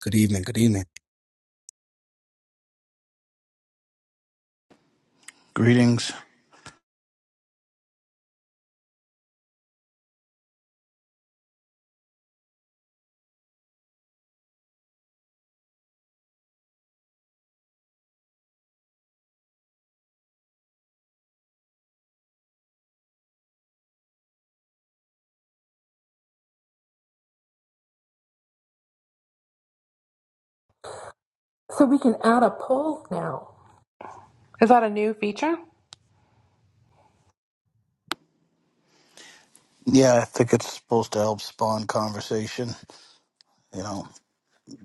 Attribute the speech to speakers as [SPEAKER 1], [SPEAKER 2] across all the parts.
[SPEAKER 1] Good evening. Good evening.
[SPEAKER 2] Greetings.
[SPEAKER 3] So we can add a poll now. Is that a new feature?
[SPEAKER 2] Yeah, I think it's supposed to help spawn conversation, you know,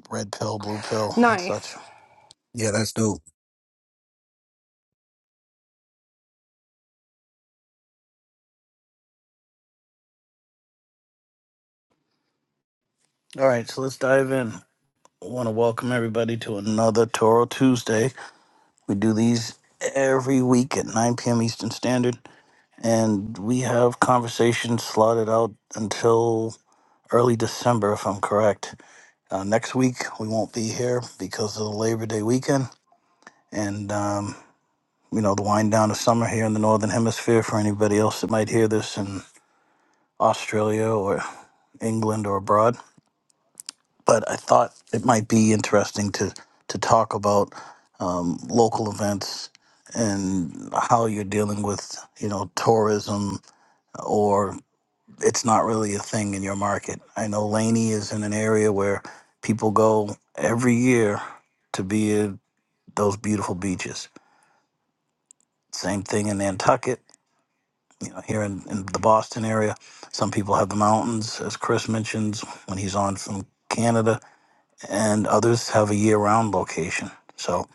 [SPEAKER 2] red pill, blue pill, and such.
[SPEAKER 3] Nice.
[SPEAKER 1] Yeah, that's dope.
[SPEAKER 2] All right, so let's dive in. I want to welcome everybody to another Toro Tuesday. We do these every week at 9 p.m. Eastern Standard, and we have conversations slotted out until early December, if I'm correct. Uh, next week, we won't be here because of the Labor Day weekend, and um, you know, the wind down of summer here in the Northern Hemisphere for anybody else that might hear this in Australia or England or abroad. But I thought it might be interesting to, to talk about um, local events and how you're dealing with, you know, tourism or it's not really a thing in your market. I know Laney is in an area where people go every year to be at those beautiful beaches. Same thing in Nantucket you know, here in, in the Boston area. Some people have the mountains, as Chris mentions when he's on from Canada, and others have a year round location. So,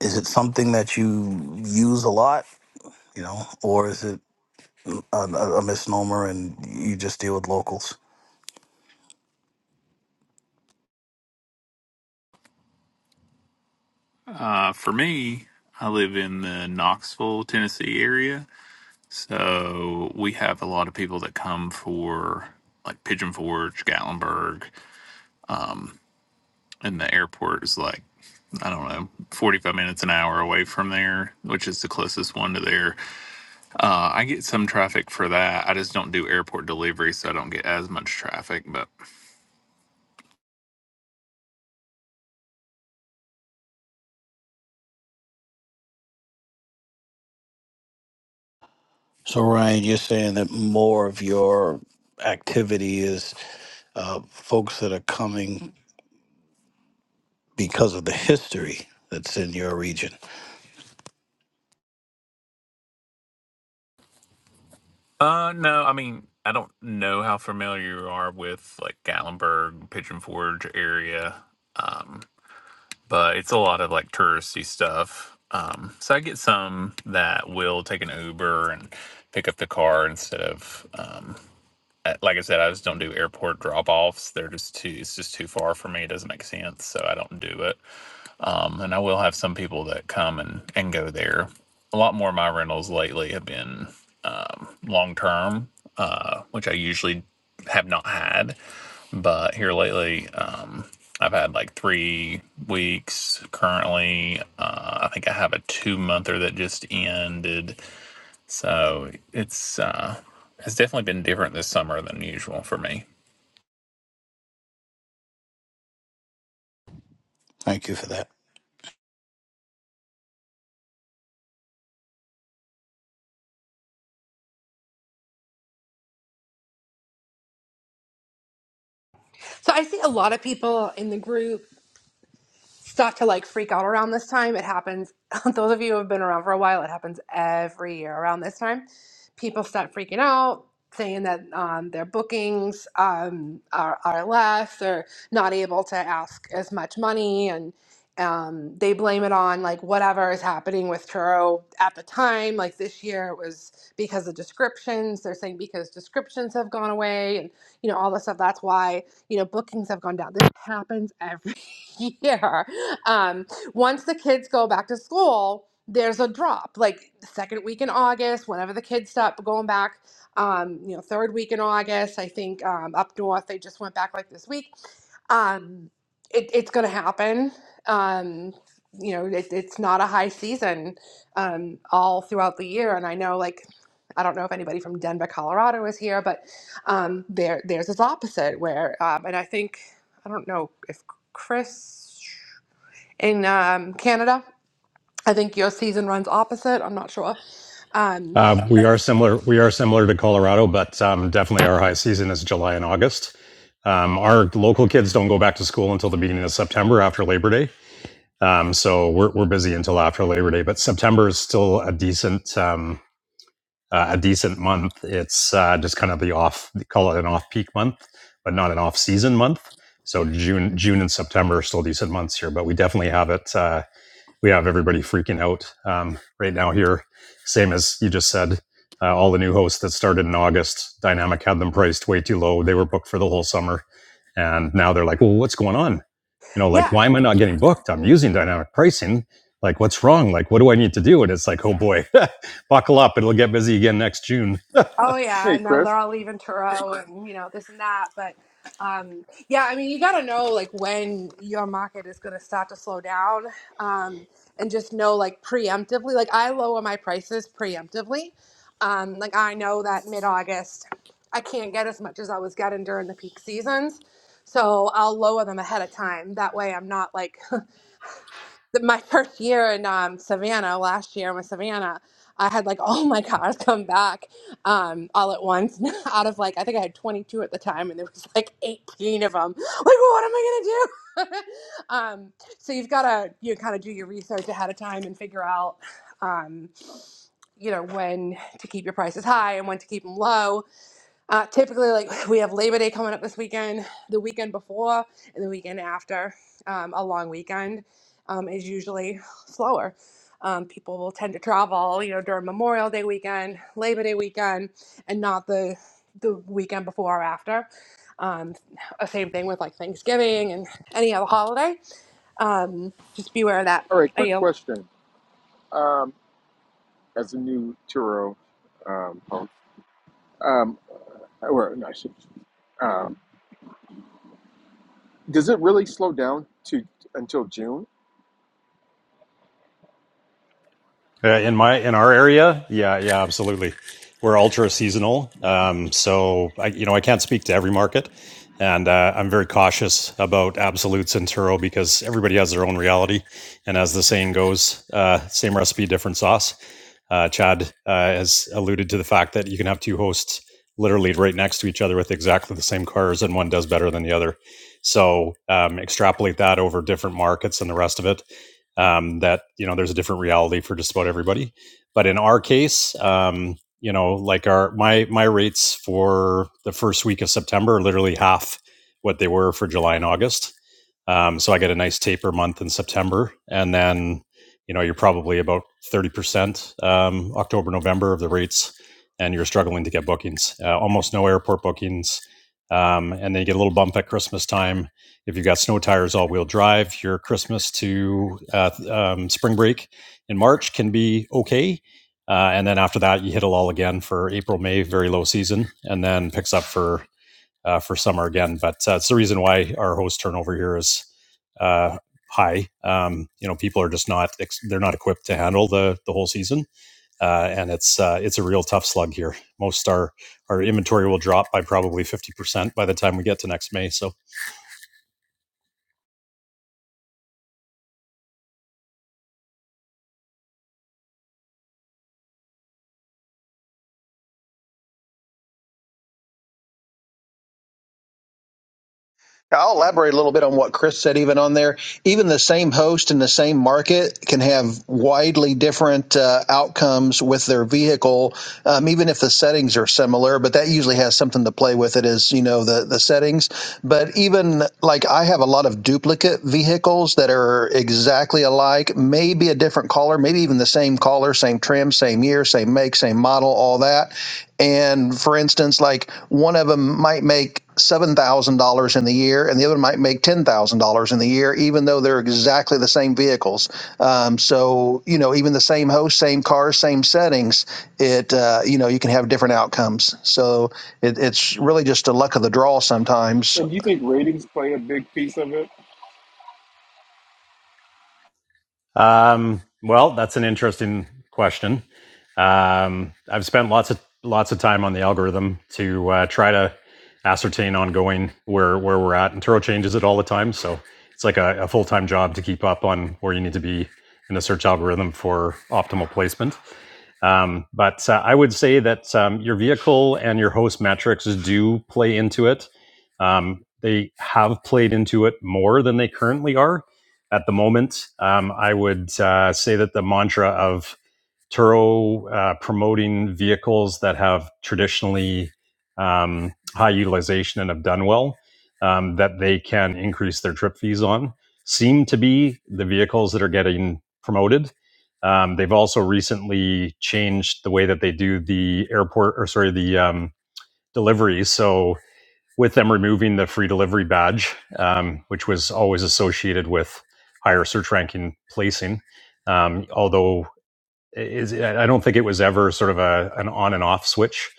[SPEAKER 2] is it something that you use a lot, you know, or is it a, a a misnomer and you just deal with locals?
[SPEAKER 4] Uh, for me, I live in the Knoxville, Tennessee area. So we have a lot of people that come for like Pigeon Forge, Gatlinburg, and the airport is like, I don't know, 45 minutes, an hour away from there, which is the closest one to there. Uh, I get some traffic for that. I just don't do airport delivery, so I don't get as much traffic. But
[SPEAKER 2] So, Ryan, you're saying that more of your activity is uh, folks that are coming because of the history that's in your region.
[SPEAKER 4] uh, no, I mean, I don't know how familiar you are with like Gatlinburg, Pigeon Forge area. Um, but it's a lot of like touristy stuff. Um, so I get some that will take an Uber and pick up the car instead of, um, uh, like I said, I just don't do airport drop offs. They're just too, it's just too far for me. It doesn't make sense. So I don't do it. Um, and I will have some people that come and, and go there. A lot more of my rentals lately have been um, long term, uh, which I usually have not had. But here lately, um, I've had like three weeks currently. Uh, I think I have a two monther that just ended. So it's uh, it's definitely been different this summer than usual for me.
[SPEAKER 2] Thank you for that.
[SPEAKER 3] So I see a lot of people in the group start to like freak out around this time. It happens, those of you who have been around for a while, it happens every year around this time. People start freaking out, saying that um, their bookings um, are, are less, they're not able to ask as much money, and um, they blame it on like whatever is happening with Turo at the time. Like this year, it was because of descriptions. They're saying because descriptions have gone away, and you know, all this stuff. That's why you know, bookings have gone down. This happens every year. um, once the kids go back to school, there's a drop, like second week in August, whenever the kids start going back. Um, you know, third week in August, I think um, up north they just went back like this week. Um, it, it's going to happen. Um, you know, it, it's not a high season um, all throughout the year, and I know like. I don't know if anybody from Denver, Colorado is here, but um, there, there's this opposite where, um, and I think I don't know if Chris in um, Canada. I think your season runs opposite. I'm not sure. Um,
[SPEAKER 5] Uh, we are similar. We are similar to Colorado, but um, definitely our high season is July and August. Um, our local kids don't go back to school until the beginning of September after Labor Day. Um, so we're we're busy until after Labor Day, but September is still a decent um, uh, a decent month. It's uh, just kind of the off they call it an off peak month, but not an off season month. So June June and September are still decent months here, but we definitely have it. Uh, we have everybody freaking out um, right now here. Same as you just said, uh, all the new hosts that started in August, Dynamic had them priced way too low. They were booked for the whole summer, and now they're like, "Well, what's going on? You know,
[SPEAKER 3] yeah.
[SPEAKER 5] like why am I not getting booked? I'm using dynamic pricing. Like, what's wrong? Like, what do I need to do?" And it's like, "Oh boy, buckle up! It'll get busy again next June."
[SPEAKER 3] Oh yeah.
[SPEAKER 6] Hey,
[SPEAKER 3] And now
[SPEAKER 6] Chris.
[SPEAKER 3] they're all leaving Turo and you know this and that. But um, yeah, I mean you got to know like when your market is going to start to slow down, um, and just know like preemptively. Like I lower my prices preemptively. Um, like I know that mid August I can't get as much as I was getting during the peak seasons. So I'll lower them ahead of time. That way I'm not like the- my first year in um, Savannah last year with Savannah, I had like all my cars come back um, all at once out of like I think I had 22 at the time, and there was like 18 of them. Like, well, what am I gonna do? um, so you've got to you kind of do your research ahead of time and figure out. Um, you know when to keep your prices high and when to keep them low uh, typically, like we have Labor Day coming up this weekend, the weekend before, and the weekend after. Um, a long weekend um, is usually slower. Um, people will tend to travel, you know, during Memorial Day weekend, Labor Day weekend, and not the the weekend before or after. Um, uh, same thing with like Thanksgiving and any other holiday. Um, just beware of that.
[SPEAKER 6] All right, quick question. Um, as a new Turo um, home, um, or no, I should, um, does it really slow down to until June?
[SPEAKER 5] Uh, in my in our area, yeah, yeah, absolutely. We're ultra seasonal, um, so I, you know I can't speak to every market, and uh, I'm very cautious about absolutes in Turo because everybody has their own reality, and as the saying goes, uh, same recipe, different sauce. Uh, Chad uh, has alluded to the fact that you can have two hosts literally right next to each other with exactly the same cars, and one does better than the other. So um, extrapolate that over different markets and the rest of it um, that you know there's a different reality for just about everybody. But in our case, um, you know, like our my my rates for the first week of September are literally half what they were for July and August. Um, so I get a nice taper month in September, and then you know you're probably about thirty percent um, October November of the rates, and you're struggling to get bookings. Uh, almost no airport bookings, um, and then you get a little bump at Christmas time if you've got snow tires all wheel drive your christmas to uh, um, spring break in march can be okay uh, and then after that you hit a lull again for april may very low season and then picks up for uh, for summer again but uh, it's the reason why our host turnover here is uh, high um, you know people are just not ex- they're not equipped to handle the the whole season uh, and it's uh, it's a real tough slug here. Most our our inventory will drop by probably fifty percent by the time we get to next May. So
[SPEAKER 7] I'll elaborate a little bit on what Chris said, even on there. Even the same host in the same market can have widely different uh, outcomes with their vehicle, um, even if the settings are similar. But that usually has something to play with it, is, you know, the, the settings. But even like I have a lot of duplicate vehicles that are exactly alike, maybe a different color, maybe even the same color, same trim, same year, same make, same model, all that and for instance, like one of them might make $7,000 in the year and the other might make $10,000 in the year, even though they're exactly the same vehicles. Um, so, you know, even the same host, same car, same settings, it, uh, you know, you can have different outcomes. So it, it's really just a luck of the draw sometimes
[SPEAKER 6] And do you think ratings play a big piece of it?
[SPEAKER 5] Um, well, that's an interesting question. Um, I've spent lots of lots of time on the algorithm to uh, try to ascertain ongoing where where we're at, and Turo changes it all the time. So it's like a, a full time job to keep up on where you need to be in the search algorithm for optimal placement. Um, but uh, I would say that um, your vehicle and your host metrics do play into it. Um, they have played into it more than they currently are at the moment. Um, I would uh, say that the mantra of Turo uh, promoting vehicles that have traditionally um, high utilization and have done well, um, that they can increase their trip fees on, seem to be the vehicles that are getting promoted. Um, they've also recently changed the way that they do the airport or sorry the um, deliveries. So with them removing the free delivery badge, um, which was always associated with higher search ranking placing. Um, although is I don't think it was ever sort of a an on and off switch.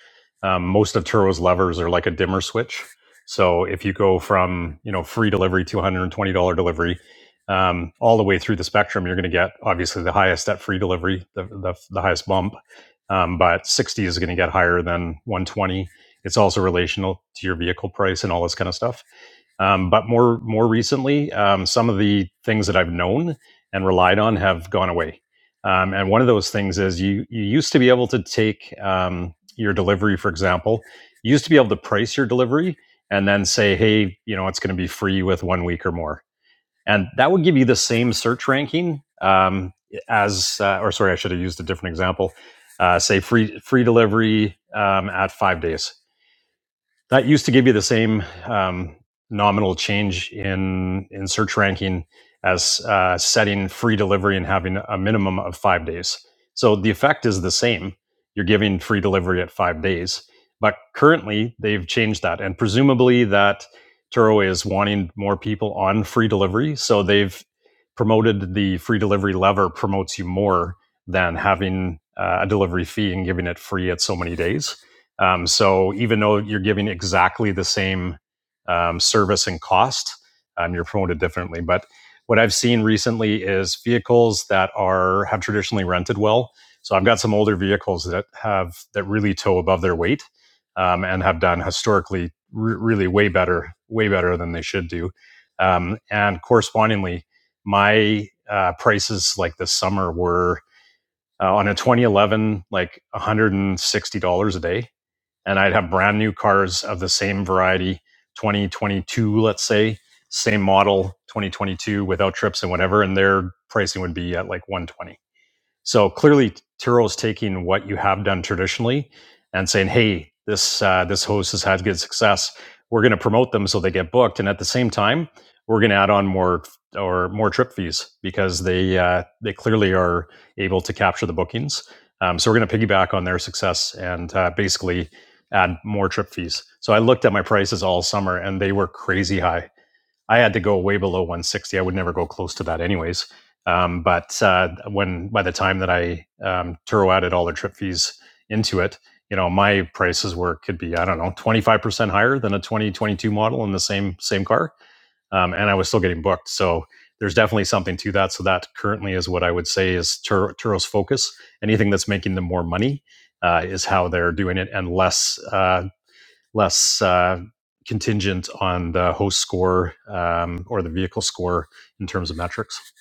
[SPEAKER 5] Um, most of Turo's levers are like a dimmer switch. So if you go from you know free delivery to one hundred and twenty dollar delivery, um, all the way through the spectrum, you're going to get obviously the highest at free delivery, the the, the highest bump. Um, but sixty is going to get higher than one twenty. It's also relational to your vehicle price and all this kind of stuff. Um, but more more recently, um, some of the things that I've known and relied on have gone away. Um, and one of those things is you you used to be able to take um, your delivery, for example, you used to be able to price your delivery and then say, hey, you know, it's going to be free with one week or more, and that would give you the same search ranking um, as, uh, or sorry, I should have used a different example. Uh, say free free delivery um, at five days that used to give you the same um, nominal change in in search ranking as uh, setting free delivery and having a minimum of five days. So the effect is the same. You're giving free delivery at five days, but currently they've changed that, and presumably that Turo is wanting more people on free delivery, so they've promoted the free delivery lever promotes you more than having uh, a delivery fee and giving it free at so many days um, so even though you're giving exactly the same um, service and cost, um, you're promoted differently. But what I've seen recently is vehicles that are have traditionally rented well. So I've got some older vehicles that have that really tow above their weight um, and have done historically re- really way better, way better than they should do. Um, and correspondingly, my uh, prices like this summer were uh, on a 2011 like 160 dollars a day and I'd have brand new cars of the same variety, 2022, let's say, same model, 2022 without trips and whatever, and their pricing would be at like 120. So clearly, Turo is taking what you have done traditionally and saying, "Hey, this uh, this host has had good success. We're going to promote them so they get booked, and at the same time, we're going to add on more or more trip fees because they uh, they clearly are able to capture the bookings. Um, so we're going to piggyback on their success and uh, basically add more trip fees. So I looked at my prices all summer, and they were crazy high I had to go way below 160. I would never go close to that, anyways. Um, but uh, when by the time that I um, Turo added all the trip fees into it, you know, my prices were could be I don't know 25 percent higher than a 2022 model in the same same car, um, and I was still getting booked. So there's definitely something to that. So that currently is what I would say is Turo, Turo's focus. Anything that's making them more money uh, is how they're doing it, and less uh, less uh, contingent on the host score um, or the vehicle score in terms of metrics.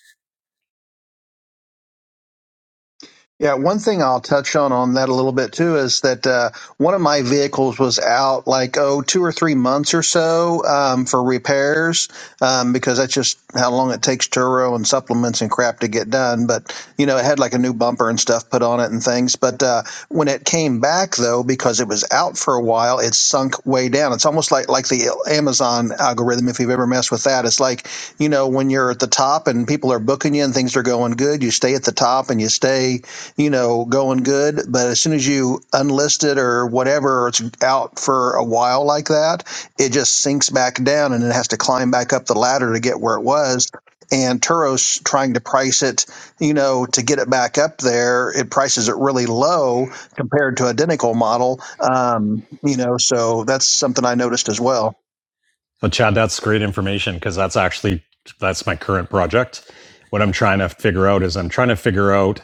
[SPEAKER 7] Yeah, one thing I'll touch on on that a little bit too is that uh, one of my vehicles was out like oh two or three months or so um, for repairs um, because that's just how long it takes Turo and supplements and crap to get done. But you know, it had like a new bumper and stuff put on it and things. But uh, when it came back though, because it was out for a while, it sunk way down. It's almost like like the Amazon algorithm. If you've ever messed with that, it's like you know when you're at the top and people are booking you and things are going good, you stay at the top and you stay you know, going good. But as soon as you unlist it or whatever, it's out for a while like that, it just sinks back down and it has to climb back up the ladder to get where it was. And Turo's trying to price it, you know, to get it back up there. It prices it really low compared to identical model. Um, you know, so that's something I noticed as well.
[SPEAKER 5] But Chad, that's great information because that's actually that's my current project. What I'm trying to figure out is I'm trying to figure out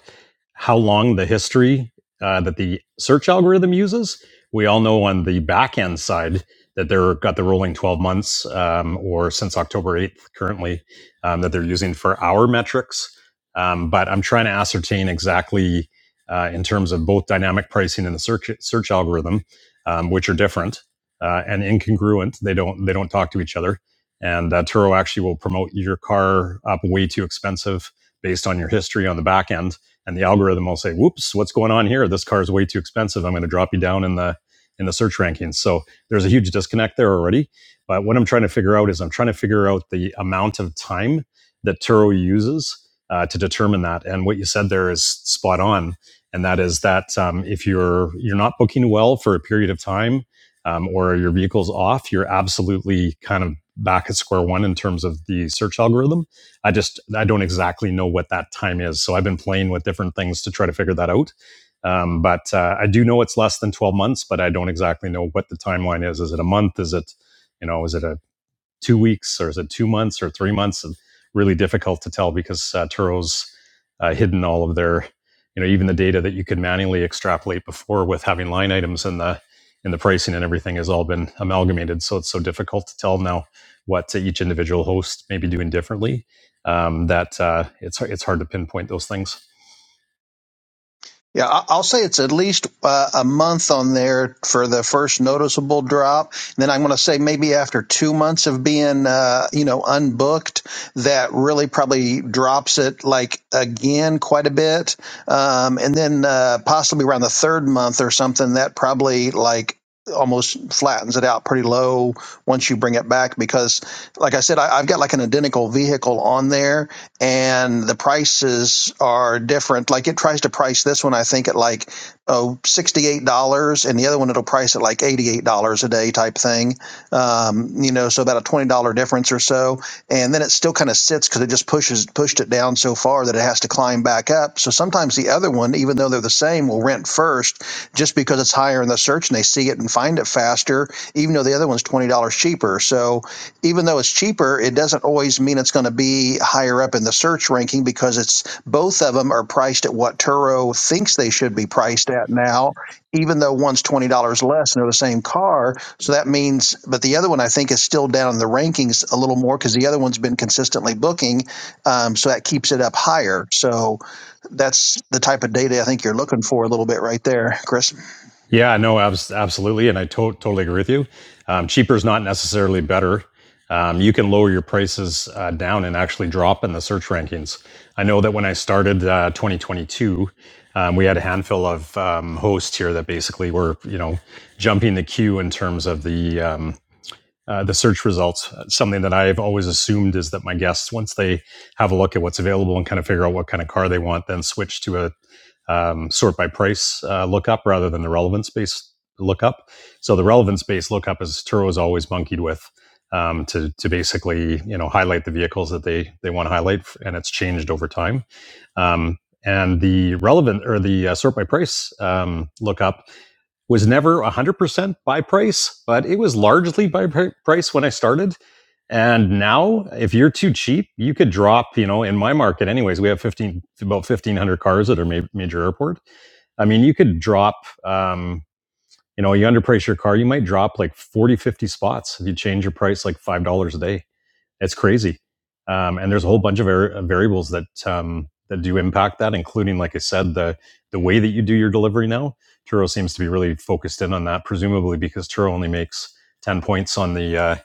[SPEAKER 5] how long the history uh, that the search algorithm uses. We all know on the back end side that they're got the rolling 12 months um, or since October 8th currently um, that they're using for our metrics. Um, but I'm trying to ascertain exactly uh, in terms of both dynamic pricing and the search search algorithm, um, which are different uh, and incongruent. They don't they don't talk to each other. And uh, Turo actually will promote your car up way too expensive based on your history on the back end and the algorithm will say, "Whoops, what's going on here? This car is way too expensive. I'm going to drop you down in the in the search rankings." So there's a huge disconnect there already. But what I'm trying to figure out is I'm trying to figure out the amount of time that Turo uses uh, to determine that. And what you said there is spot on, and that is that um, if you're you're not booking well for a period of time, um, or your vehicle's off, you're absolutely kind of back at square one in terms of the search algorithm I just I don't exactly know what that time is. So I've been playing with different things to try to figure that out. Um, but uh, I do know it's less than 12 months, but I don't exactly know what the timeline is. Is it a month? Is it, you know, is it a two weeks or is it two months or three months? It's really difficult to tell because uh, Turo's uh, hidden all of their, you know, even the data that you could manually extrapolate before with having line items and the and the pricing and everything has all been amalgamated. So it's so difficult to tell now what each individual host may be doing differently um, that uh, it's it's hard to pinpoint those things.
[SPEAKER 7] Yeah, I- will say it's at least uh, a month on there for the first noticeable drop. And then I'm going to say maybe after two months of being, uh, you know, unbooked, that really probably drops it like again quite a bit. Um, and then uh, possibly around the third month or something, that probably like almost flattens it out pretty low once you bring it back because like i said I, i've got like an identical vehicle on there and the prices are different. Like it tries to price this one, I think, at like oh $68, and the other one it'll price at like $88 a day type thing um, you know, so about a twenty dollar difference or so, and then it still kind of sits because it just pushes pushed it down so far that it has to climb back up. So sometimes the other one, even though they're the same, will rent first just because it's higher in the search and they see it and find it faster, even though the other one's twenty dollars cheaper. So even though it's cheaper, it doesn't always mean it's going to be higher up in the search ranking because it's both of them are priced at what Turo thinks they should be priced at now, even though one's twenty dollars less and they're the same car so that means, but the other one I think is still down in the rankings a little more because the other one's been consistently booking. Um, so that keeps it up higher. So that's the type of data I think you're looking for a little bit right there, Chris.
[SPEAKER 5] Yeah, no, abs- absolutely. And I to- totally agree with you. Um, cheaper is not necessarily better. Um, you can lower your prices uh, down and actually drop in the search rankings. I know that when I started uh, 2022, um, we had a handful of um, hosts here that basically were, you know, jumping the queue in terms of the um, uh, the search results. Something that I've always assumed is that my guests, once they have a look at what's available and kind of figure out what kind of car they want, then switch to a um, sort by price uh, lookup rather than the relevance based lookup. So the relevance based lookup is Turo is always monkeyed with um, to to basically you know highlight the vehicles that they they want to highlight, and it's changed over time. Um, and the relevant or the uh, sort by price um, lookup was never 100% by price, but it was largely by pri price when I started. And now, if you're too cheap, you could drop, you know, in my market, anyways, we have 15, about 1,500 cars at our ma- major airport. I mean, you could drop, um, you know, you underprice your car, you might drop like 40, 50 spots if you change your price like $5 a day. It's crazy. Um, and there's a whole bunch of var- variables that, um, that do impact that, including, like I said, the, the way that you do your delivery now. Turo seems to be really focused in on that, presumably because Turo only makes 10 points on the, uh,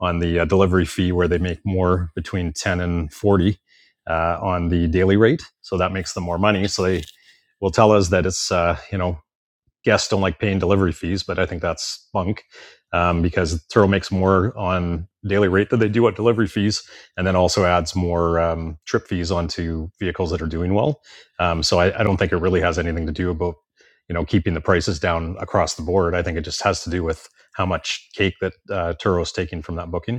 [SPEAKER 5] on the uh, delivery fee where they make more between 10 and 40 uh, on the daily rate. So that makes them more money. So they, will tell us that it's uh, you know guests don't like paying delivery fees, but I think that's bunk um, because Turo makes more on daily rate than they do on delivery fees, and then also adds more um, trip fees onto vehicles that are doing well. Um, so I, I don't think it really has anything to do about you know keeping the prices down across the board. I think it just has to do with how much cake that uh, Turo's taking from that booking.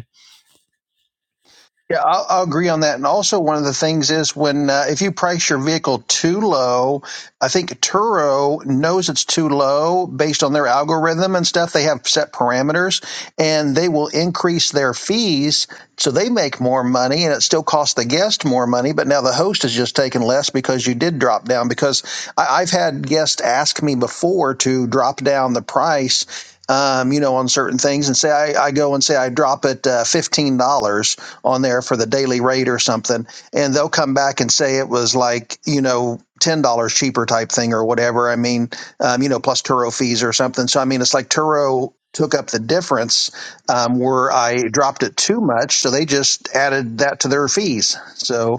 [SPEAKER 7] Yeah, I'll, I'll agree on that. And also, one of the things is when uh, if you price your vehicle too low, I think Turo knows it's too low based on their algorithm and stuff. They have set parameters, and they will increase their fees so they make more money, and it still costs the guest more money. But now the host is just taking less because you did drop down. Because I, I've had guests ask me before to drop down the price. Um, you know, on certain things, and say I, I go and say I drop it uh, fifteen dollars, on there for the daily rate or something, and they'll come back and say it was like you know ten dollars cheaper type thing or whatever. I mean, um, you know, plus Turo fees or something. So I mean, it's like Turo took up the difference um, where I dropped it too much, so they just added that to their fees. So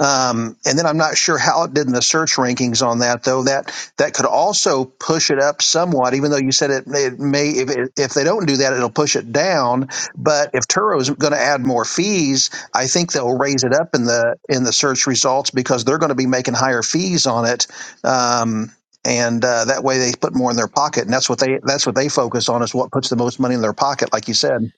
[SPEAKER 7] um, and then I'm not sure how it did in the search rankings on that, though. That that could also push it up somewhat, even though you said it, it may. If, if they don't do that, it'll push it down. But if Turo is going to add more fees, I think they'll raise it up in the in the search results because they're going to be making higher fees on it, um, and uh, that way they put more in their pocket, and that's what they that's what they focus on is what puts the most money in their pocket, like you said.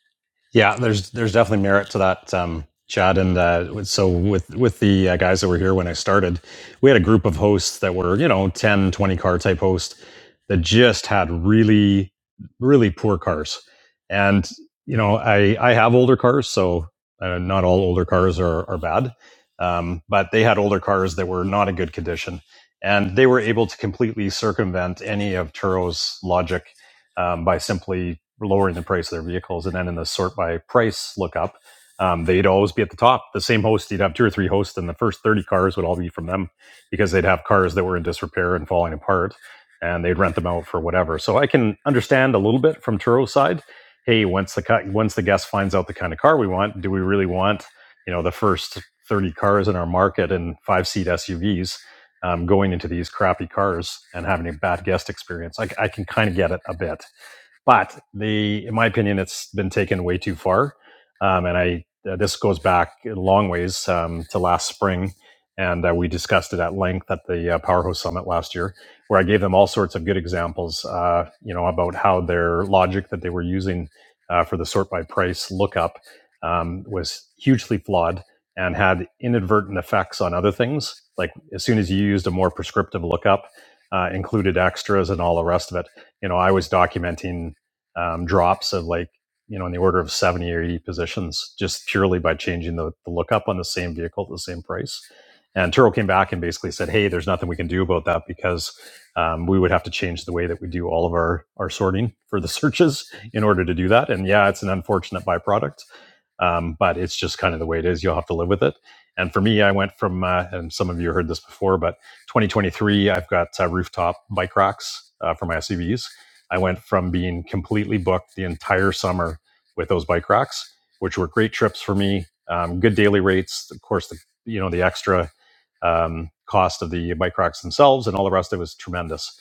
[SPEAKER 5] Yeah, there's there's definitely merit to that, um, Chad. And uh, so with with the uh, guys that were here when I started, we had a group of hosts that were you know 10, 20 car type hosts that just had really really poor cars. And you know, I I have older cars, so uh, not all older cars are are bad, um, but they had older cars that were not in good condition, and they were able to completely circumvent any of Turo's logic um, by simply lowering the price of their vehicles. And then in the sort by price lookup, um, they'd always be at the top. The same host, you'd have two or three hosts, and the first 30 cars would all be from them because they'd have cars that were in disrepair and falling apart, and they'd rent them out for whatever. So I can understand a little bit from Turo's side. Hey, once the once the guest finds out the kind of car we want, do we really want you know the first 30 cars in our market and five seat SUVs um, going into these crappy cars and having a bad guest experience? I, I can kind of get it a bit but the, in my opinion, it's been taken way too far. Um, and I, uh, this goes back a long ways um, to last spring, and uh, we discussed it at length at the uh, Powerhouse Summit last year, where I gave them all sorts of good examples, uh, you know, about how their logic that they were using uh, for the sort by price lookup um, was hugely flawed and had inadvertent effects on other things. Like as soon as you used a more prescriptive lookup, uh, included extras and all the rest of it, you know, I was documenting um, drops of like you know in the order of 70 or 80 positions just purely by changing the, the lookup on the same vehicle at the same price and turo came back and basically said hey there's nothing we can do about that because um, we would have to change the way that we do all of our our sorting for the searches in order to do that and yeah it's an unfortunate byproduct um, but it's just kind of the way it is. You'll have to live with it. And for me, I went from, uh, and some of you heard this before, but 2023, I've got uh, rooftop bike racks uh, for my SUVs. I went from being completely booked the entire summer with those bike racks, which were great trips for me. Um, good daily rates, of course. The you know the extra um, cost of the bike racks themselves and all the rest of it was tremendous.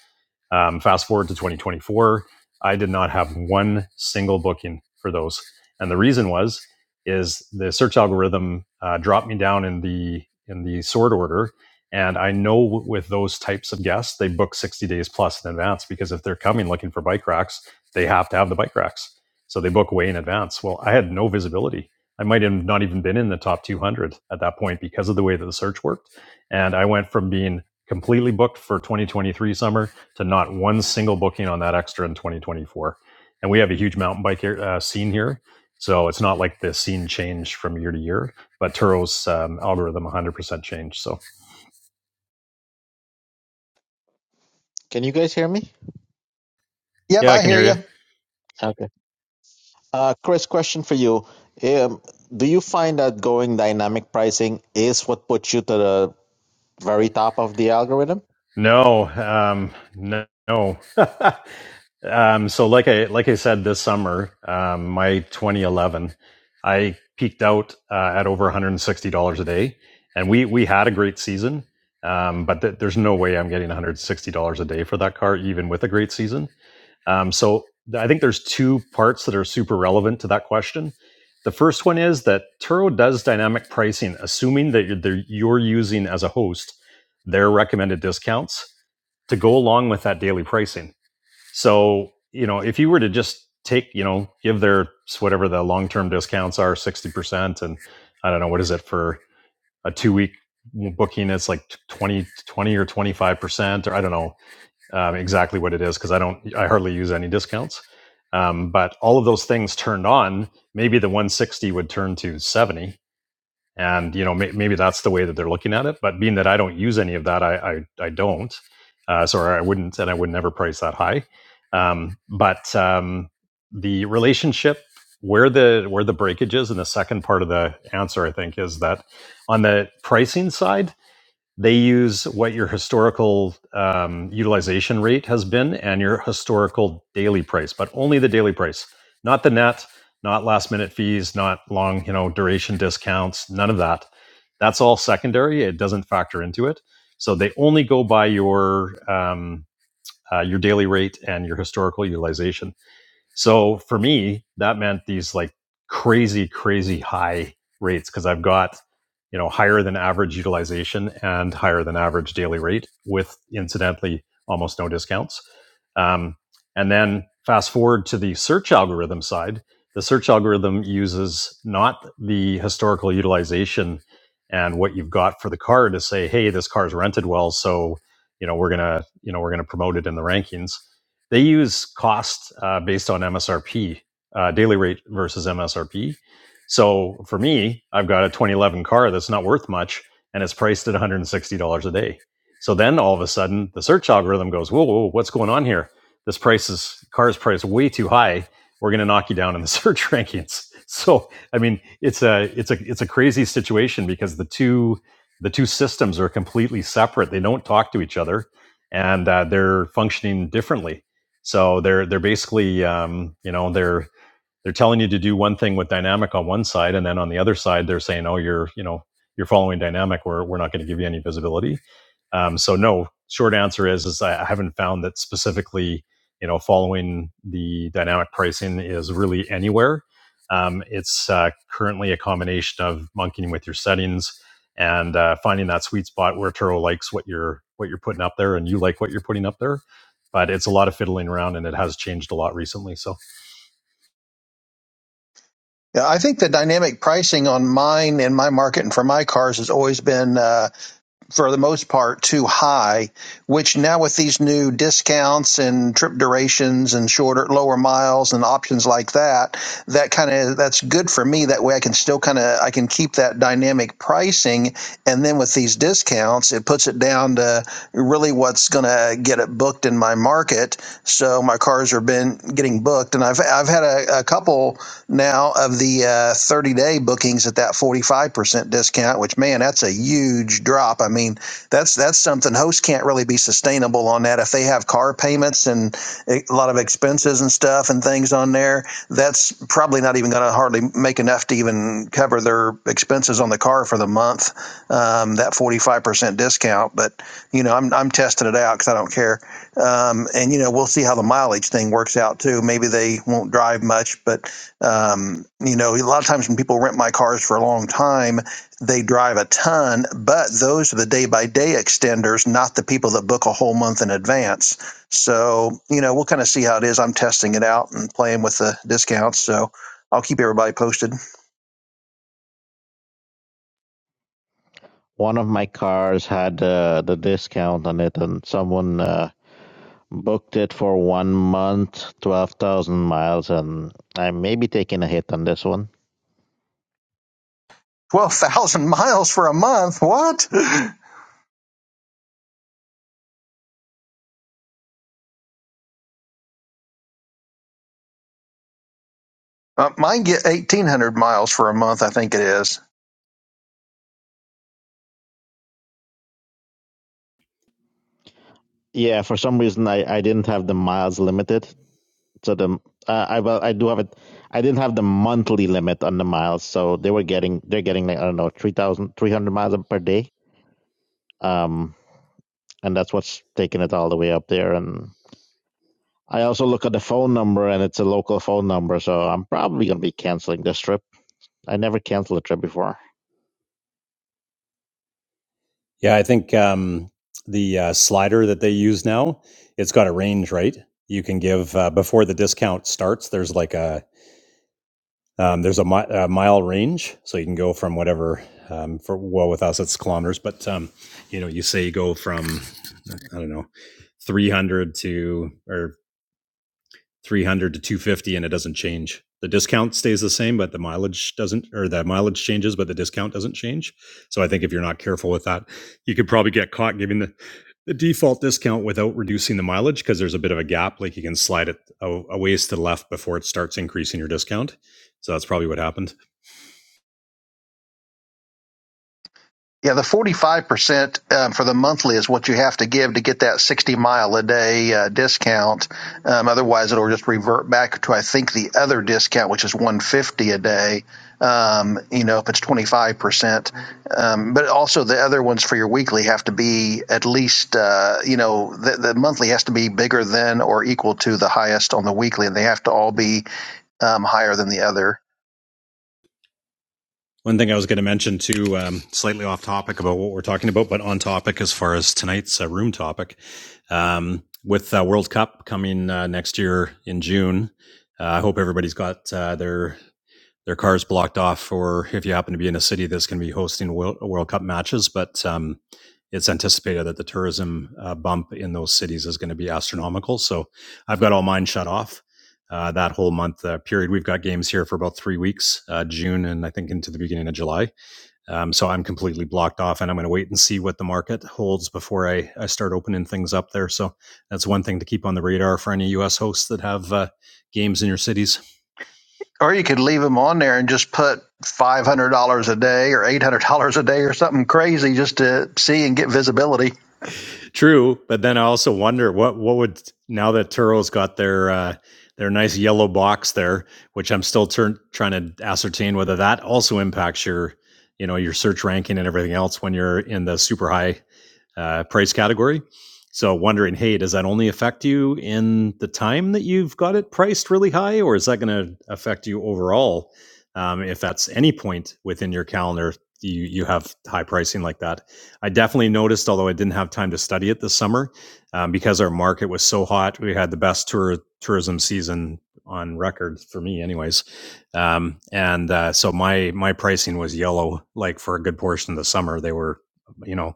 [SPEAKER 5] Um, fast forward to 2024, I did not have one single booking for those, and the reason was is the search algorithm uh, dropped me down in the in the sort order and I know with those types of guests, they book 60 days plus in advance because if they're coming looking for bike racks, they have to have the bike racks. So they book way in advance. Well, I had no visibility. I might have not even been in the top 200 at that point because of the way that the search worked. And I went from being completely booked for 2023 summer to not one single booking on that extra in 2024. And we have a huge mountain bike uh, scene here. So it's not like the scene changed from year to year, but Turo's um, algorithm 100% changed. So
[SPEAKER 8] Can you guys hear me?
[SPEAKER 7] Yep,
[SPEAKER 5] Yeah, I
[SPEAKER 7] I
[SPEAKER 5] can
[SPEAKER 7] hear
[SPEAKER 5] hear
[SPEAKER 7] you.
[SPEAKER 5] you.
[SPEAKER 8] Okay. Uh, Chris, question for you. Um, do you find that going dynamic pricing is what puts you to the very top of the algorithm?
[SPEAKER 5] No, um, no. no. um, so, like I like I said, this summer, um, my 2011, I peaked out uh, at over 160 dollars a day, and we we had a great season. Um, but th- there's no way I'm getting 160 dollars a day for that car, even with a great season. Um, so I think there's two parts that are super relevant to that question. The first one is that Turo does dynamic pricing, assuming that you're, using as a host their recommended discounts to go along with that daily pricing. So you know, if you were to just take, you know, give their whatever the long-term discounts are, sixty percent, and I don't know what is it for a two-week booking, it's like 20 20 or twenty-five percent, or I don't know um, exactly what it is because I don't, I hardly use any discounts. Um, but all of those things turned on, maybe the 160 would turn to 70. And, you know, may, maybe that's the way that they're looking at it. But being that I don't use any of that, I, I, I don't. Uh, so I wouldn't, and I would never price that high. Um, but um, the relationship where the where the breakage is in the second part of the answer, I think, is that on the pricing side, they use what your historical um, utilization rate has been and your historical daily price, but only the daily price, not the net, not last minute fees, not long you know duration discounts, none of that. That's all secondary. It doesn't factor into it. So they only go by your um, uh, your daily rate and your historical utilization so for me, that meant these like crazy, crazy high rates because I've got, you know, higher than average utilization and higher than average daily rate with incidentally almost no discounts. Um, and then fast forward to the search algorithm side, the search algorithm uses not the historical utilization and what you've got for the car to say, hey, this car's rented well. So, you know, we're going to, you know, we're going to promote it in the rankings they use cost uh, based on MSRP, uh, daily rate versus MSRP. So for me, I've got a 2011 car that's not worth much and it's priced at $160 a day. So then all of a sudden, the search algorithm goes, whoa, whoa, what's going on here? This price is car's price way too high. We're going to knock you down in the search rankings. So I mean, it's a it's a it's a crazy situation because the two the two systems are completely separate. They don't talk to each other, and uh, they're functioning differently. So they're they're basically um, you know they're they're telling you to do one thing with dynamic on one side and then on the other side they're saying oh you're you know you're following dynamic we're, we're not going to give you any visibility um, so no short answer is is i haven't found that specifically you know following the dynamic pricing is really anywhere um, it's uh, currently a combination of monkeying with your settings and uh, finding that sweet spot where Turo likes what you're what you're putting up there and you like what you're putting up there but it's a lot of fiddling around and it has changed a lot recently so
[SPEAKER 7] Yeah, I think the dynamic pricing on mine and my market and for my cars has always been, uh, for the most part, too high. Which now with these new discounts and trip durations and shorter, lower miles and options like that, that kind of that's good for me. That way, I can still kind of I can keep that dynamic pricing, and then with these discounts, it puts it down to really what's going to get it booked in my market. So my cars are been getting booked, and I've I've had a, a couple now of the 30 day bookings at that 45% discount, which man, that's a huge drop. I mean, that's that's something hosts can't really be sustainable on that. If they have car payments and e, a lot of expenses and stuff and things on there, that's probably not even going to hardly make enough to even cover their expenses on the car for the month. Um, that 45% discount, but you know, I'm, I'm testing it out because I don't care. Um, and you know, we'll see how the mileage thing works out too. Maybe they won't drive much, but um, you know, a lot of times when people rent my cars for a long time, they drive a ton, but those are the day by day extenders, not the people that book a whole month in advance. So, you know, we'll kind of see how it is. I'm testing it out and playing with the discounts. So I'll keep everybody posted.
[SPEAKER 8] One of my cars had uh, the discount on it, and someone uh, booked it for one month, 12,000 miles, and I may be taking a hit on this one.
[SPEAKER 7] 12,000 miles for a month. What? Uh, mine get 1,800 miles for a month, I think it is.
[SPEAKER 8] Yeah, for some reason, I, I didn't have the miles limited, So the uh, I well I do have it. I didn't have the monthly limit on the miles, so they were getting they're getting like I don't know 3,000 300 miles per day. Um, and that's what's taking it all the way up there. And I also look at the phone number, and it's a local phone number, so I'm probably gonna be canceling this trip. I never canceled a trip before.
[SPEAKER 5] yeah, I think um, the uh, slider that they use now, it's got a range, right? You can give uh, before the discount starts. There's like a um, there's a, mi- a mile range, so you can go from whatever. Um, for well, with us it's kilometers, but um, you know, you say you go from I don't know, 300 to or 300 to 250 and it doesn't change. The discount stays the same, but the mileage doesn't, or the mileage changes, but the discount doesn't change. So I think if you're not careful with that, you could probably get caught giving the, the default discount without reducing the mileage because there's a bit of a gap. Like you can slide it a, a ways to the left before it starts increasing your discount. So that's probably what happened.
[SPEAKER 7] Yeah, the 45% um, for the monthly is what you have to give to get that 60 mile a day uh, discount. Um, otherwise, it'll just revert back to, I think, the other discount, which is 150 a day, um, you know, if it's 25%. Um, but also, the other ones for your weekly have to be at least, uh, you know, the, the monthly has to be bigger than or equal to the highest on the weekly, and they have to all be um, higher than the other.
[SPEAKER 5] One thing I was going to mention too, um, slightly off topic about what we're talking about, but on topic as far as tonight's uh, room topic, um, with uh, World Cup coming uh, next year in June. Uh, I hope everybody's got uh, their their cars blocked off for if you happen to be in a city that's going to be hosting World, World Cup matches. But um, it's anticipated that the tourism uh, bump in those cities is going to be astronomical. So I've got all mine shut off. Uh, that whole month uh, period, we've got games here for about three weeks, uh, June and I think into the beginning of July. Um, so I'm completely blocked off, and I'm going to wait and see what the market holds before I, I start opening things up there. So that's one thing to keep on the radar for any U.S. hosts that have uh, games in your cities.
[SPEAKER 7] Or you could leave them on there and just put $500 a day or $800 a day or something crazy just to see and get visibility.
[SPEAKER 5] True, but then I also wonder what what would now that Turo's got their uh, their nice yellow box there, which I'm still turn, trying to ascertain whether that also impacts your you know your search ranking and everything else when you're in the super high uh, price category. So wondering, hey, does that only affect you in the time that you've got it priced really high, or is that going to affect you overall? Um, if that's any point within your calendar, you you have high pricing like that. I definitely noticed, although I didn't have time to study it this summer, um, because our market was so hot. We had the best tour tourism season on record for me, anyways. Um, and uh, so my my pricing was yellow, like for a good portion of the summer. They were, you know,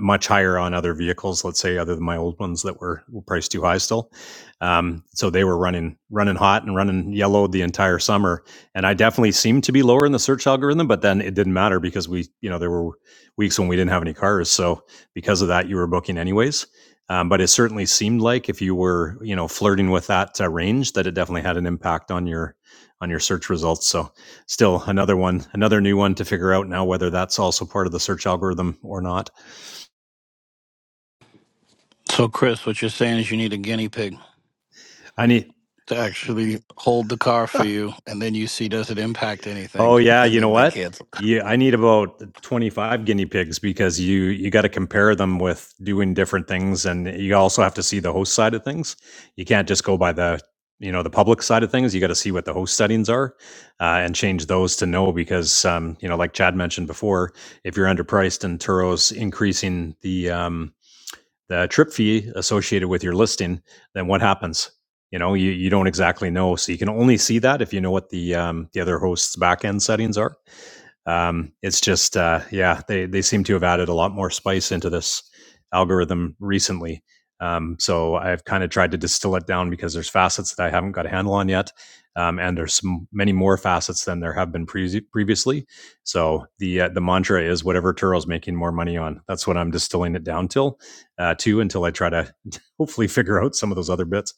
[SPEAKER 5] much higher on other vehicles. Let's say other than my old ones that were, were priced too high still. Um, so they were running running hot and running yellow the entire summer, and I definitely seemed to be lower in the search algorithm. But then it didn't matter because we you know there were weeks when we didn't have any cars, so because of that you were booking anyways. Um, but it certainly seemed like if you were you know flirting with that uh, range that it definitely had an impact on your on your search results. So still another one, another new one to figure out now whether that's also part of the search algorithm or not.
[SPEAKER 2] So, Chris, what you're saying is you need a guinea pig.
[SPEAKER 5] I need.
[SPEAKER 2] to actually hold the car for you, and then you see does it impact anything,
[SPEAKER 5] Oh yeah,
[SPEAKER 2] and
[SPEAKER 5] you know
[SPEAKER 2] then they
[SPEAKER 5] what?
[SPEAKER 2] cancel.
[SPEAKER 5] Yeah, I need about 25 guinea pigs because you you got to compare them with doing different things, and you also have to see the host side of things. You can't just go by the you know the public side of things. You got to see what the host settings are, uh, and change those to no because um, you know like Chad mentioned before, if you're underpriced and Turo's increasing the um, the trip fee associated with your listing, then what happens? You know, you, you don't exactly know. So you can only see that if you know what the um, the other host's backend settings are. Um, it's just, uh, yeah, they, they seem to have added a lot more spice into this algorithm recently. Um, so I've kind of tried to distill it down because there's facets that I haven't got a handle on yet. Um, and there's some, many more facets than there have been pre- previously. So the uh, the mantra is whatever Turo's making more money on. That's what I'm distilling it down till uh, to until I try to hopefully figure out some of those other bits.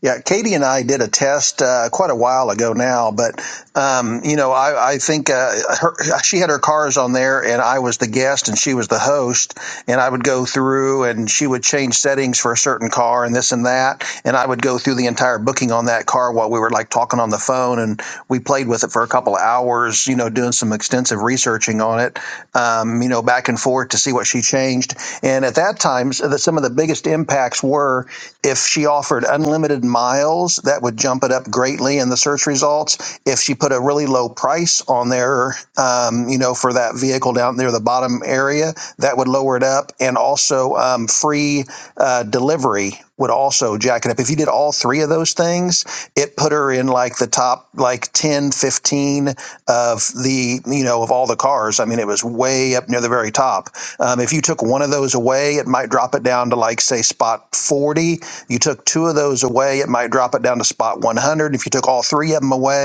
[SPEAKER 7] Yeah, Katie and I did a test uh, quite a while ago now, but um, you know, I, I think uh, her, she had her cars on there, and I was the guest, and she was the host, and I would go through, and she would change settings for a certain car, and this and that, and I would go through the entire booking on that car while we were like talking on the phone, and we played with it for a couple of hours, you know, doing some extensive researching on it, um, you know, back and forth to see what she changed, and at that time, some of the biggest impacts facts were if she offered unlimited miles, that would jump it up greatly in the search results. If she put a really low price on there, um, you know, for that vehicle down near the bottom area, that would lower it up. And also um, free uh, delivery would also jack it up. If you did all three of those things, it put her in like the top like 10, 15 of the, you know, of all the cars. I mean, it was way up near the very top. Um, if you took one of those away, it might drop it down to like, say, spot 40. You took two of those away, it might drop it down to spot 100. If you took all three of them away,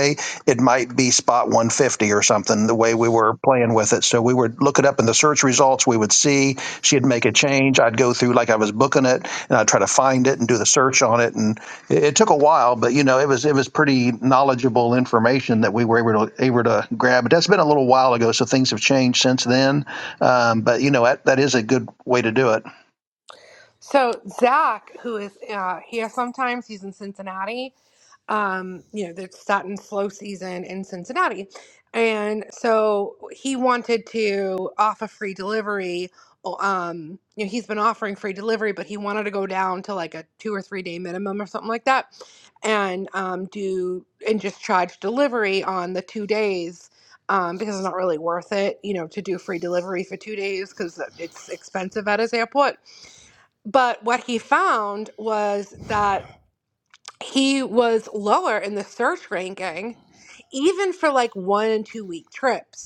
[SPEAKER 7] it might be spot 150 or something, the way we were playing with it. So we would look it up in the search results. We would see she'd make a change. I'd go through like I was booking it and I'd try to find it and do the search on it. And it, it took a while, but you know, it was, it was pretty knowledgeable information that we were able to, able to grab. But that's been a little while ago. So things have changed since then. Um, but you know, that, that is a good way to do it.
[SPEAKER 3] So Zach, who is uh, here sometimes, he's in Cincinnati. Um, you know, they're starting slow season in Cincinnati, and so he wanted to offer free delivery. Um, you know, he's been offering free delivery, but he wanted to go down to like a two or three day minimum or something like that, and um, do and just charge delivery on the two days. Um, because it's not really worth it, you know, to do free delivery for two days because it's expensive at his airport but what he found was that he was lower in the search ranking, even for like one and two week trips.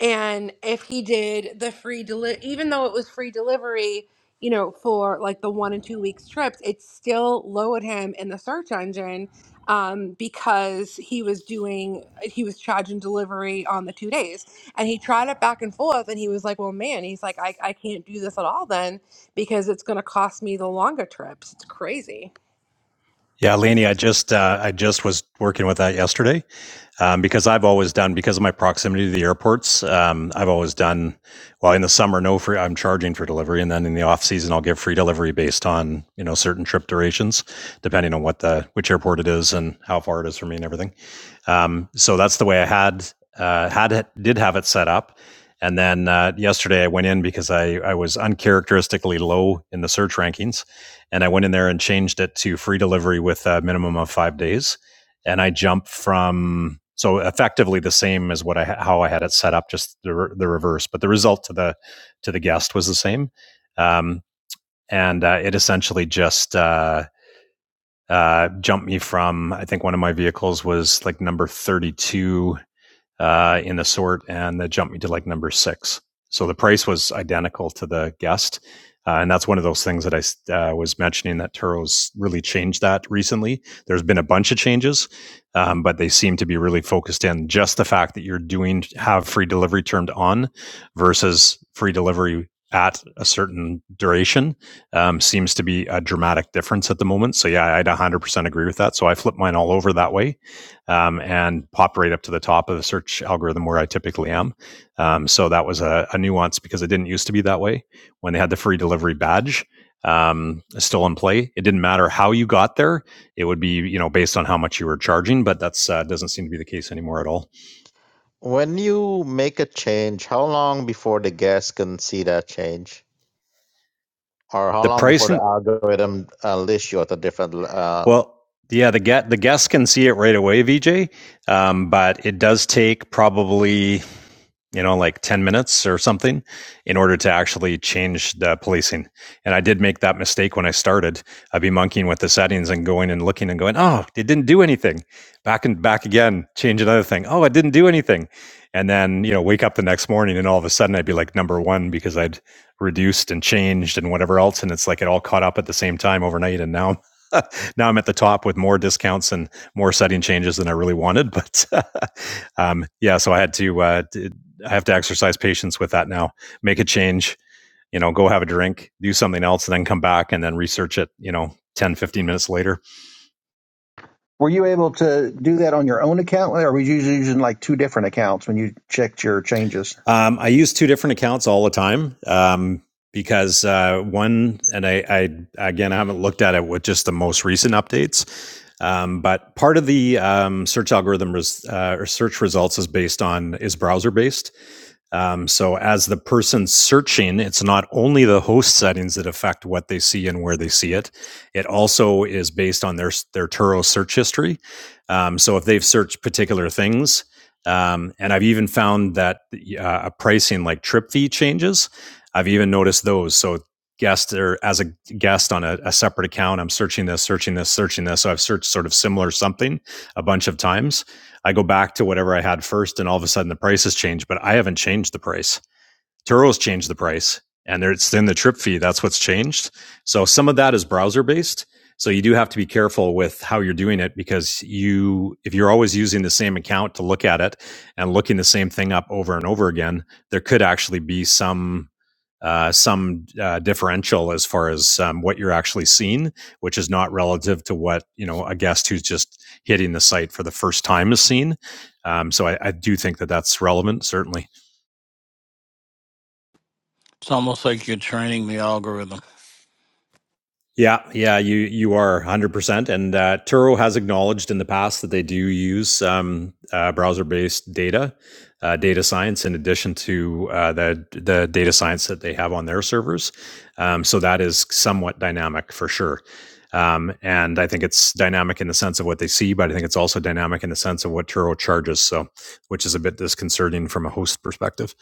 [SPEAKER 3] And if he did the free deli- even though it was free delivery, you know, for like the one and two weeks trips, it still lowered him in the search engine um, because he was doing he was charging delivery on the two days. And he tried it back and forth, and he was like, "Well, man," he's like, "I I can't do this at all then because it's going to cost me the longer trips. It's crazy."
[SPEAKER 5] Yeah, Laney, I just uh, I just was working with that yesterday, um, because I've always done because of my proximity to the airports. Um, I've always done well in the summer. No free, I'm charging for delivery, and then in the off season, I'll give free delivery based on you know certain trip durations, depending on what the which airport it is and how far it is from me and everything. Um, so that's the way I had uh, had it, did have it set up. And then uh, yesterday I went in because I, I was uncharacteristically low in the search rankings, and I went in there and changed it to free delivery with a minimum of five days and I jump from so effectively the same as what I how I had it set up, just the, re- the reverse. But the result to the to the guest was the same, um, and uh, it essentially just uh, uh, jumped me from I think one of my vehicles was like number thirty two uh, in the sort, and that jumped me to like number six. So the price was identical to the guest. Uh, and that's one of those things that I s- uh, was mentioning that Turo's really changed that recently. There's been a bunch of changes, um, but they seem to be really focused in just the fact that you're doing have free delivery turned on versus free delivery at a certain duration um, seems to be a dramatic difference at the moment. So yeah, I'd 100% agree with that. So I flip mine all over that way um, and popped right up to the top of the search algorithm where I typically am. Um, so that was a, a nuance because it didn't used to be that way when they had the free delivery badge um, still in play. It didn't matter how you got there; it would be you know based on how much you were charging. But that's uh, doesn't seem to be the case anymore at all.
[SPEAKER 8] When you make a change, how long before the guests can see that change? or how
[SPEAKER 5] The
[SPEAKER 8] long before the
[SPEAKER 5] pricing
[SPEAKER 8] algorithm uh, lists you at a different uh,
[SPEAKER 5] Well, yeah, the get the guests can see it right away, VJ. Um, but it does take probably you know like 10 minutes or something in order to actually change the policing and i did make that mistake when i started i'd be monkeying with the settings and going and looking and going oh it didn't do anything back and back again change another thing oh it didn't do anything and then you know wake up the next morning and all of a sudden i'd be like number one because i'd reduced and changed and whatever else and it's like it all caught up at the same time overnight and now now I'm at the top with more discounts and more setting changes than I really wanted. But um, yeah, so I had to, uh, d- I have to exercise patience with that now. Make a change, you know, go have a drink, do something else, and then come back and then research it, you know, ten fifteen minutes later.
[SPEAKER 7] Were you able to do that on your own account or were you usually using like two different accounts when you checked your changes?
[SPEAKER 5] Um, I use two different accounts all the time. Um, because uh, one, and I, I again, I haven't looked at it with just the most recent updates, um, but part of the um, search algorithm res- uh, or search results is based on is browser based, Um, so, as the person searching, it's not only the host settings that affect what they see and where they see it. It also is based on their their Turo search history. Um, so, if they've searched particular things, um, and I've even found that uh, a pricing like trip fee changes. I've even noticed those. So, guest or as a guest on a, a separate account, I'm searching this, searching this, searching this. So, I've searched sort of similar something a bunch of times I go back to whatever I had first, and all of a sudden the price has changed, but I haven't changed the price. Turo's changed the price, and it's in the trip fee. That's what's changed. So some of that is browser based. So you do have to be careful with how you're doing it because you, if you're always using the same account to look at it and looking the same thing up over and over again, there could actually be some uh, some uh, differential as far as um, what you're actually seeing, which is not relative to what you know a guest who's just hitting the site for the first time is seeing. Um, so I, I do think that that's relevant, certainly.
[SPEAKER 2] It's almost like you're training the algorithm.
[SPEAKER 5] Yeah, yeah, you you are 100%. And uh, Turo has acknowledged in the past that they do use um, uh, browser-based data, uh, data science, in addition to uh, the the data science that they have on their servers. Um, so that is somewhat dynamic for sure. Um, and I think it's dynamic in the sense of what they see, but I think it's also dynamic in the sense of what Turo charges. So which is a bit disconcerting from a host perspective.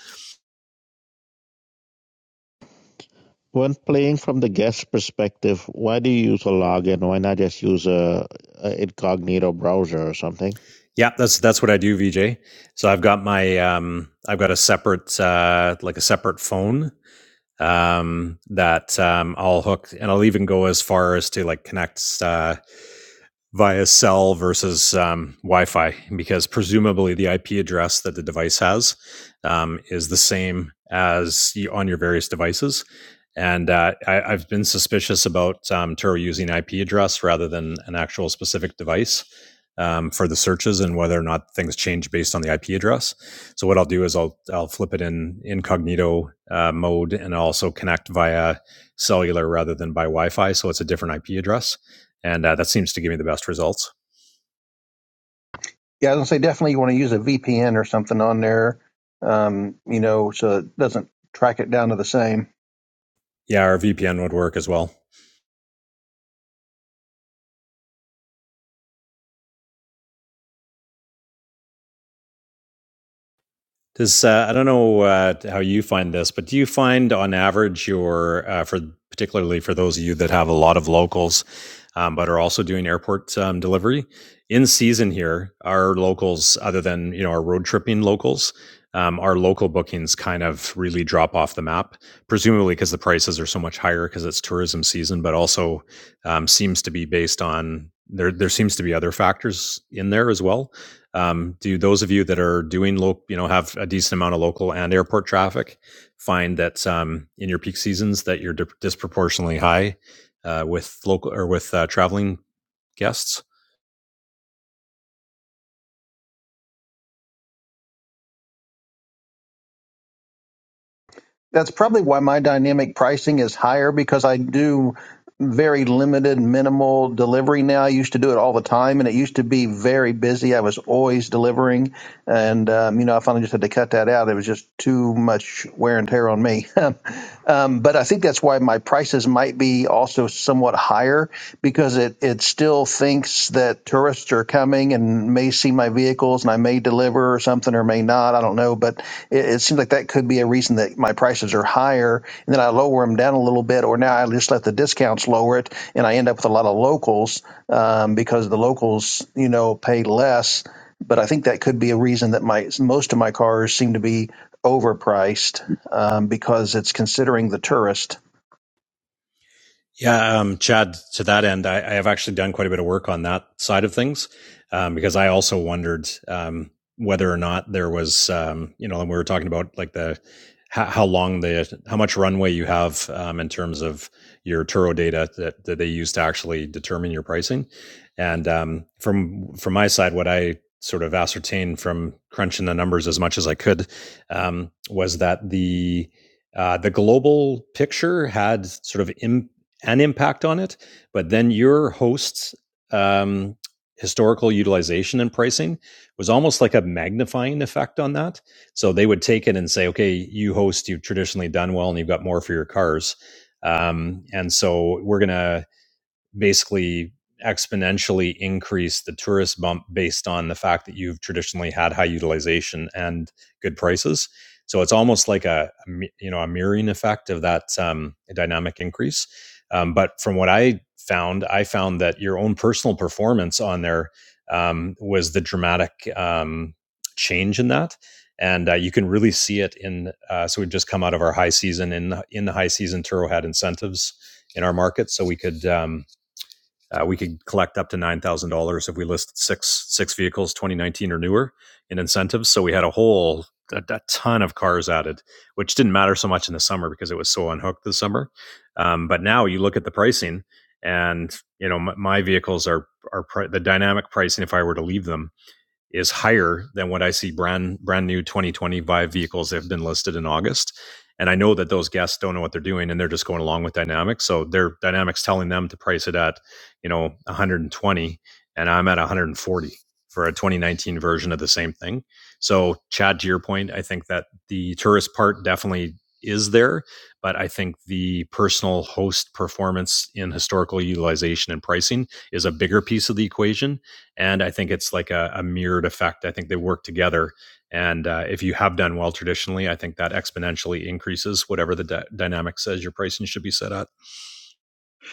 [SPEAKER 8] when playing from the guest perspective why do you use a login why not just use a, a incognito browser or something
[SPEAKER 5] Yeah, that's that's what I do, VJ. So I've got my um, I've got a separate uh, like a separate phone um, that um, I'll hook, and I'll even go as far as to like connect uh, via cell versus um, Wi-Fi because presumably the IP address that the device has um, is the same as you, on your various devices. And uh, I, I've been suspicious about um, Turo using IP address rather than an actual specific device um, for the searches and whether or not things change based on the IP address. So what I'll do is I'll I'll flip it in incognito uh, mode and I'll also connect via cellular rather than by Wi-Fi, so it's a different IP address and uh, that seems to give me the best results.
[SPEAKER 7] Yeah, I was gonna say definitely you want to use a VPN or something on there, um, you know, so it doesn't track it down to the same.
[SPEAKER 5] Yeah, our VPN would work as well. Does uh, I don't know uh, how you find this, but do you find on average your uh, for particularly for those of you that have a lot of locals, um, but are also doing airport um, delivery in season here, our locals other than you know our road tripping locals, um, our local bookings kind of really drop off the map, presumably because the prices are so much higher because it's tourism season, but also um, seems to be based on there there seems to be other factors in there as well um, do those of you that are doing local, you know, have a decent amount of local and airport traffic, find that um, in your peak seasons that you're di- disproportionately high uh, with local or with uh, traveling guests?
[SPEAKER 7] That's probably why my dynamic pricing is higher because I do very limited, minimal delivery now. I used to do it all the time, and it used to be very busy. I was always delivering, and um, you know, I finally just had to cut that out. It was just too much wear and tear on me. Um, but I think that's why my prices might be also somewhat higher because it, it still thinks that tourists are coming and may see my vehicles and I may deliver or something or may not. I don't know. But it, it seems like that could be a reason that my prices are higher and then I lower them down a little bit or now I just let the discounts lower it and I end up with a lot of locals um, because the locals, you know, pay less. But I think that could be a reason that my most of my cars seem to be overpriced um, because it's considering the tourist.
[SPEAKER 5] Yeah, um, Chad, to that end, I, I have actually done quite a bit of work on that side of things um, because I also wondered um, whether or not there was, um, you know, and we were talking about like the how, how long the how much runway you have um, in terms of your Turo data that, that they use to actually determine your pricing. And um, from from my side, what I sort of ascertained from crunching the numbers as much as I could um, was that the uh, the global picture had sort of Im- an impact on it. But then your host's um, historical utilization and pricing was almost like a magnifying effect on that. So they would take it and say, okay, you host, you've traditionally done well and you've got more for your cars. Um, and so we're going to basically exponentially increase the tourist bump based on the fact that you've traditionally had high utilization and good prices. So it's almost like a you know a mirroring effect of that um, dynamic increase. Um, but from what I found, I found that your own personal performance on there um, was the dramatic um, change in that. And uh, you can really see it in. Uh, so we've just come out of our high season in in the high season Turo had incentives in our market, so we could um, uh, we could collect up to nine thousand dollars if we listed six six vehicles, 2019 or newer, in incentives. So we had a whole a, a ton of cars added, which didn't matter so much in the summer because it was so unhooked this summer. Um, but now you look at the pricing, and you know my, my vehicles are are pri- the dynamic pricing. If I were to leave them is higher than what I see brand brand new 2025 vehicles that have been listed in August. And I know that those guests don't know what they're doing and they're just going along with dynamics. So their dynamics telling them to price it at, you know, 120 and I'm at 140 for a 2019 version of the same thing. So Chad, to your point, I think that the tourist part definitely is there, but I think the personal host performance in historical utilization and pricing is a bigger piece of the equation and I think it's like a, a mirrored effect. I think they work together, and uh, if you have done well traditionally, I think that exponentially increases whatever the dy- dynamic says your pricing should be set at.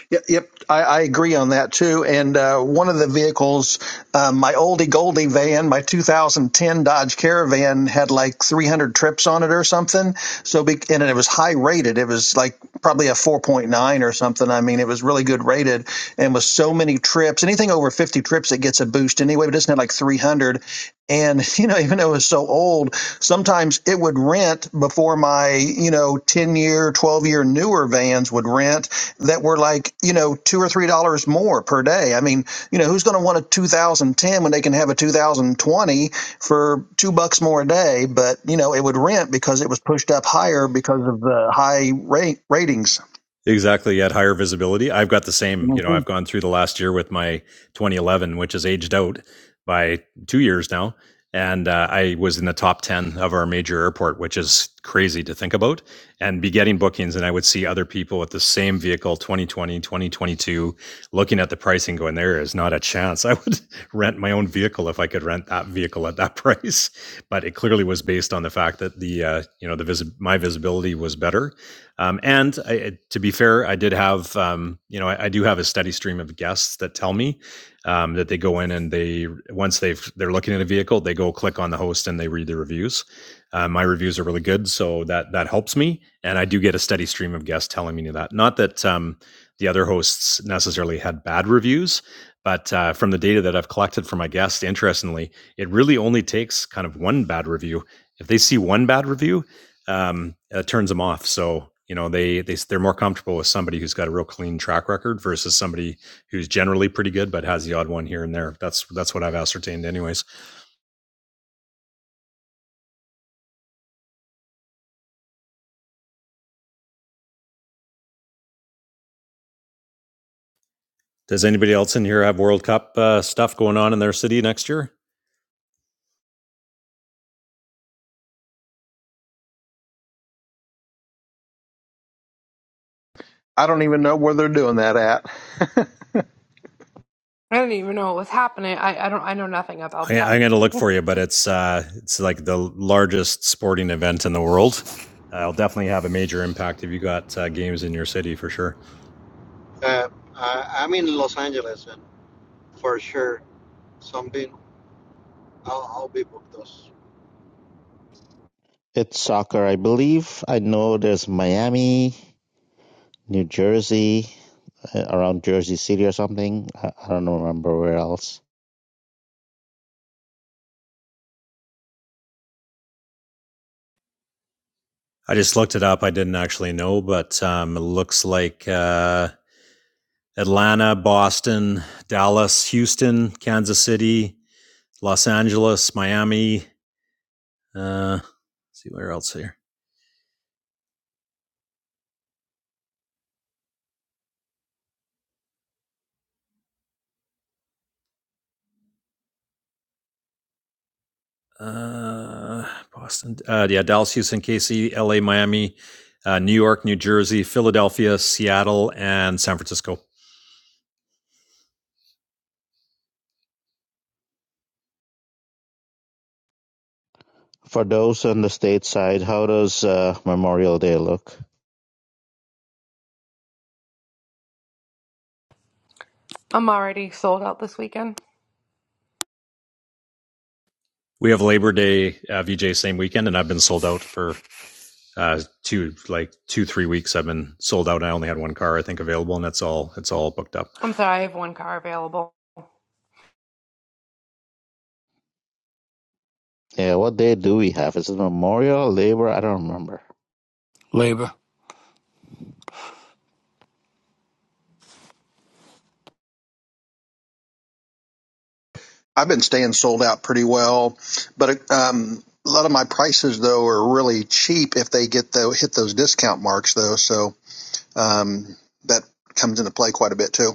[SPEAKER 7] Yep, yep I, I agree on that too. And uh, one of the vehicles, um, my oldie goldie van, my 2010 Dodge Caravan, had like 300 trips on it or something. So, be, and it was high rated. It was like probably a 4.9 or something. I mean, it was really good rated, and with so many trips, anything over 50 trips, it gets a boost anyway. But it's not like 300. And, you know, even though it was so old, sometimes it would rent before my, you know, 10 year, 12 year newer vans would rent that were like, you know, two or three dollars more per day. I mean, you know, who's going to want a 2010 when they can have a 2020 for two bucks more a day? But, you know, it would rent because it was pushed up higher because of the high rate ratings.
[SPEAKER 5] Exactly, at higher visibility. I've got the same,
[SPEAKER 7] hmm
[SPEAKER 5] you know, I've gone through the last year with my 2011, which is aged out by two years now. And uh, I was in the top 10 of our major airport, which is crazy to think about, and be getting bookings. And I would see other people with the same vehicle, 2020, 2022, looking at the pricing going, there is not a chance. I would rent my own vehicle if I could rent that vehicle at that price. But it clearly was based on the fact that the, uh, you know, the visi- my visibility was better um, and I, to be fair, I did have, um, you know, I, I do have a steady stream of guests that tell me um, that they go in and they once they've they're looking at a vehicle, they go click on the host and they read the reviews. Uh, my reviews are really good, so that that helps me, and I do get a steady stream of guests telling me that. Not that um, the other hosts necessarily had bad reviews, but uh, from the data that I've collected from my guests, interestingly, it really only takes kind of one bad review. If they see one bad review, um, uh, turns them off. So you know they they they're more comfortable with somebody who's got a real clean track record versus somebody who's generally pretty good but has the odd one here and there. That's that's what I've ascertained, anyways. Does anybody else in here have World Cup uh, stuff going on in their city next year?
[SPEAKER 7] I don't even know where they're doing that at.
[SPEAKER 3] I didn't even know what was happening. I, I don't I know nothing about
[SPEAKER 5] I,
[SPEAKER 3] that.
[SPEAKER 5] I'm going to look for you, but it's uh, it's like the largest sporting event in the world. Uh, it'll definitely have a major impact if you got uh, games in your city for sure.
[SPEAKER 9] Uh, I, I'm in Los Angeles, and for sure, something I'll, I'll be booked those.
[SPEAKER 8] it's soccer i believe i know there's miami new jersey uh, around jersey city or something i, I don't remember where else
[SPEAKER 5] I just looked it up. I didn't actually know, but um, it looks like. Uh, Atlanta, Boston, Dallas, Houston, Kansas City, Los Angeles, Miami. Uh, let's see where else here. Uh, Boston. Uh, yeah, Dallas, Houston, KC, LA, Miami, uh, New York, New Jersey, Philadelphia, Seattle, and San Francisco.
[SPEAKER 8] for those on the stateside, how does uh, memorial day look
[SPEAKER 3] I'm already sold out this weekend.
[SPEAKER 5] we have Labor Day uh, VJ same weekend, and I've been sold out for uh, two like two three weeks. I've been sold out. And I only had one car I think available, and that's all. It's all booked up.
[SPEAKER 3] I'm sorry, I have one car available.
[SPEAKER 8] yeah what day do we have is it memorial labor i don't remember
[SPEAKER 2] Labor.
[SPEAKER 7] I've been staying sold out pretty well, but um, a lot of my prices though are really cheap if they get the hit those discount marks though. So um, that comes into play quite a bit too.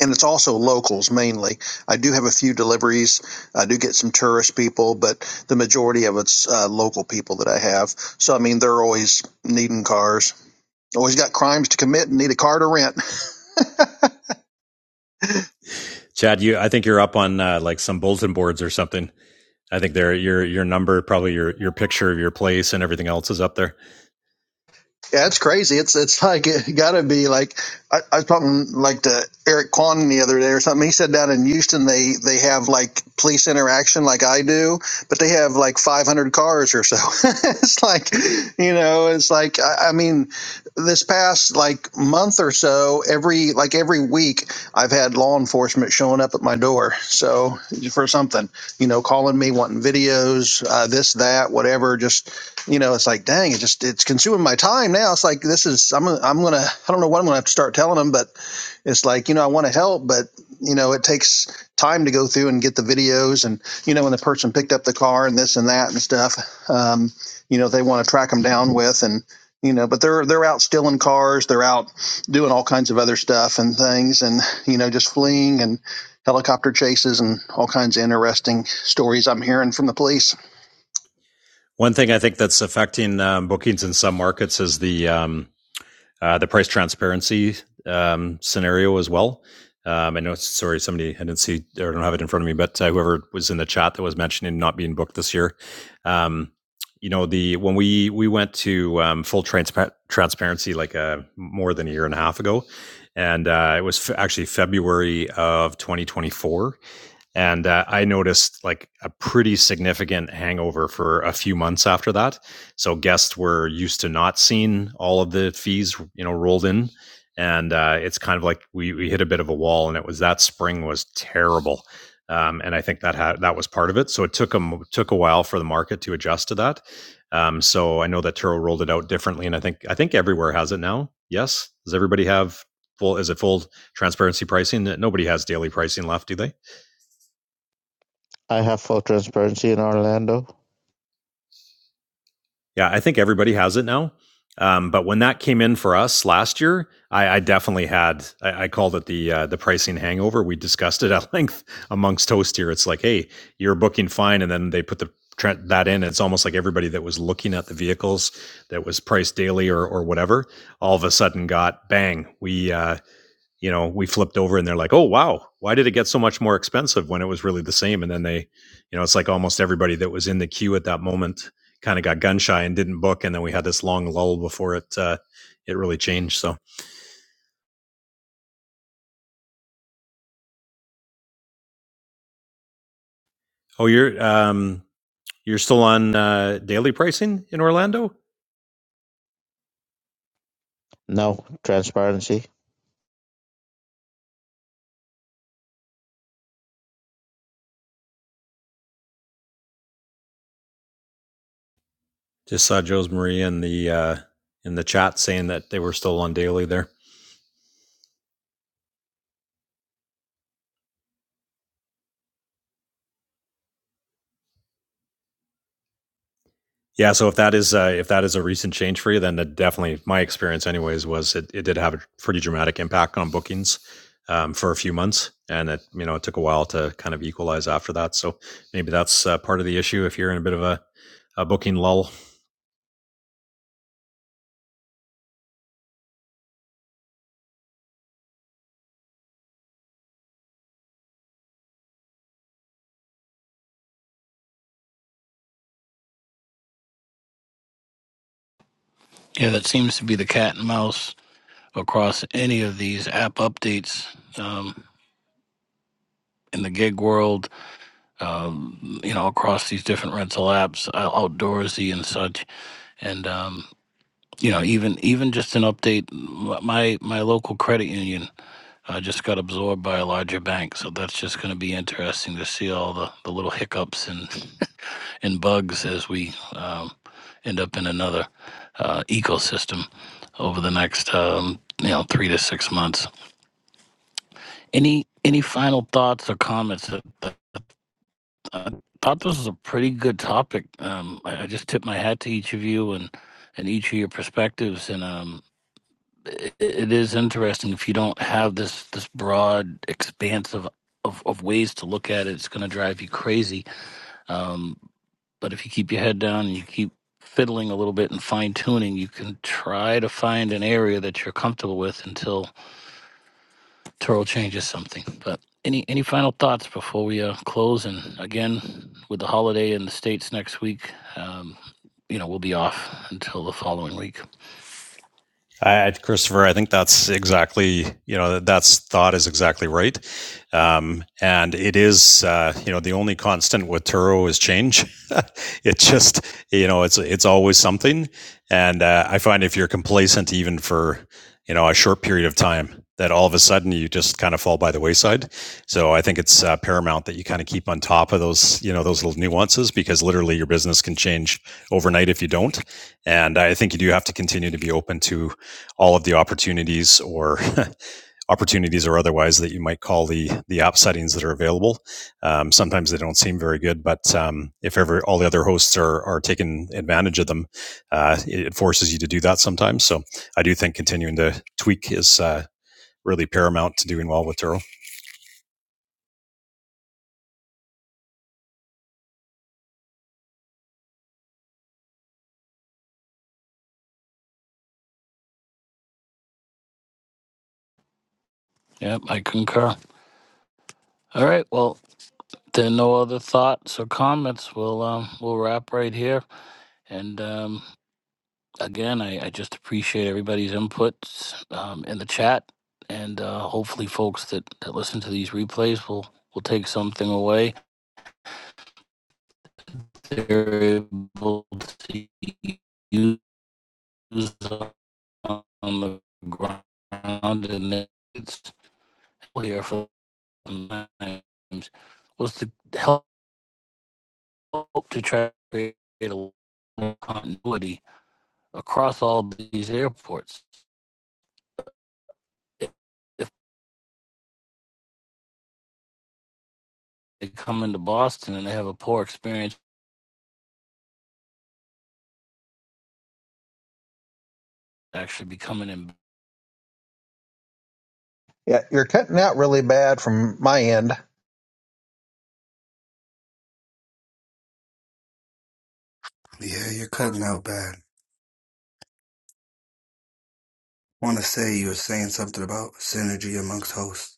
[SPEAKER 7] And it's also locals mainly. I do have a few deliveries. I do get some tourist people, but the majority of it's uh, local people that I have. So I mean, they're always needing cars. Always got crimes to commit and need a car to rent.
[SPEAKER 5] Chad, you I think you're up on uh, like some bulletin boards or something. I think there your your number, probably your your picture of your place and everything else is up there.
[SPEAKER 7] Yeah, it's crazy. It's it's like it got to be like I, I was talking like to Eric Quan the other day or something. He said down in Houston they they have like police interaction like I do, but they have like 500 cars or so. it's like you know, it's like I, I mean, this past like month or so, every like every week I've had law enforcement showing up at my door. So for something, you know, calling me wanting videos, uh, this that whatever, just you know, it's like, dang, it just it's consuming my time now. It's like this is I'm gonna I'm gonna I am i am going to i do not know what I'm gonna have to start telling them, but it's like you know I want to help, but you know it takes time to go through and get the videos and you know when the person picked up the car and this and that and stuff, um, you know they want to track them down with and you know but they're they're out stealing cars, they're out doing all kinds of other stuff and things and you know just fleeing and helicopter chases and all kinds of interesting stories I'm hearing from the police.
[SPEAKER 5] One thing I think that's affecting um, bookings in some markets is the um, uh, the price transparency um, scenario as well. Um, I know, sorry, somebody I didn't see or I don't have it in front of me, but uh, whoever was in the chat that was mentioning not being booked this year, um, you know, the when we we went to um, full transpa- transparency like uh, more than a year and a half ago, and uh, it was f- actually February of 2024 and uh, I noticed like a pretty significant hangover for a few months after that. So guests were used to not seeing all of the fees, you know, rolled in, and uh, it's kind of like we we hit a bit of a wall, and it was that spring was terrible. Um, and I think that had, that was part of it. So it took them took a while for the market to adjust to that. Um, so I know that Turo rolled it out differently, and I think I think everywhere has it now. Yes, does everybody have full? Is it full transparency pricing? Nobody has daily pricing left, do they?
[SPEAKER 8] i have full transparency in orlando
[SPEAKER 5] Yeah, I think everybody has it now. Um, but when that came in for us last year, I, I definitely had. I, I called it the uh, the pricing hangover. We discussed it at length amongst Toast here. It's like, hey, you're booking fine, and then they put the that in. It's almost like everybody that was looking at the vehicles that was priced daily or or whatever, all of a sudden got bang. We uh, you know, we flipped over and they're like, oh, wow, why did it get so much more expensive when it was really the same? And then they, you know, it's like almost everybody that was in the queue at that moment kind of got gun shy and didn't book. And then we had this long lull before it, uh, it really changed. So, oh, you're, um, you're still on, uh, daily pricing in Orlando?
[SPEAKER 8] No transparency.
[SPEAKER 5] Just saw Joe's Marie in the, uh, in the chat saying that they were still on daily there. Yeah, so if that is uh, if that is a recent change for you, then that definitely my experience, anyways, was it, it did have a pretty dramatic impact on bookings um, for a few months, and it you know it took a while to kind of equalize after that. So maybe that's uh, part of the issue if you're in a bit of a, a booking lull
[SPEAKER 2] Yeah, that seems to be the cat and mouse across any of these app updates um, in the gig world. Um, you know, across these different rental apps, uh, outdoorsy and such, and um, you know, even even just an update. My my local credit union uh, just got absorbed by a larger bank. So that's just going to be interesting to see all the, the little hiccups and, and bugs as we um, end up in another uh, ecosystem over the next um, you know three to six months. Any any final thoughts or comments? I, I thought this was a pretty good topic. Um, I, I just tip my hat to each of you and and each of your perspectives. And um, it is interesting if you don't have this this broad expanse of of, of ways to look at it it's going to drive you crazy um, but if you keep your head down and you keep fiddling a little bit and fine tuning you can try to find an area that you're comfortable with until Turo changes something but any any final thoughts before we uh, close and again with the holiday in the states next week um, you know we'll be off until the following week
[SPEAKER 5] I, Christopher, I think that's exactly you know that's thought is exactly right, um, and it is uh, you know the only constant with Turo is change. it just you know it's it's always something, and uh, I find if you're complacent even for you know a short period of time, that all of a sudden you just kind of fall by the wayside. So I think it's uh, paramount that you kind of keep on top of those, you know, those little nuances because literally your business can change overnight if you don't. And I think you do have to continue to be open to all of the opportunities or opportunities or otherwise that you might call the the app settings that are available. Um, sometimes they don't seem very good, but um, if ever all the other hosts are are taking advantage of them, uh, it, forces you to do that sometimes. So I do think continuing to tweak is uh, really paramount to doing well with Turo.
[SPEAKER 2] yep i concur all right well There are no other thoughts or comments. We'll um, we'll wrap right here. And um, again, I, I just appreciate everybody's inputs um, in the chat, and uh, hopefully, folks that, that listen to these replays will will take something away. They're able to use on the ground, and then it's here for times was to help to try to create a little continuity across all these airports. If they come into Boston and they have a poor experience, actually be coming in
[SPEAKER 7] Yeah, you're cutting,
[SPEAKER 1] Yeah, you're cutting out bad. Want to say you were saying something about synergy amongst hosts.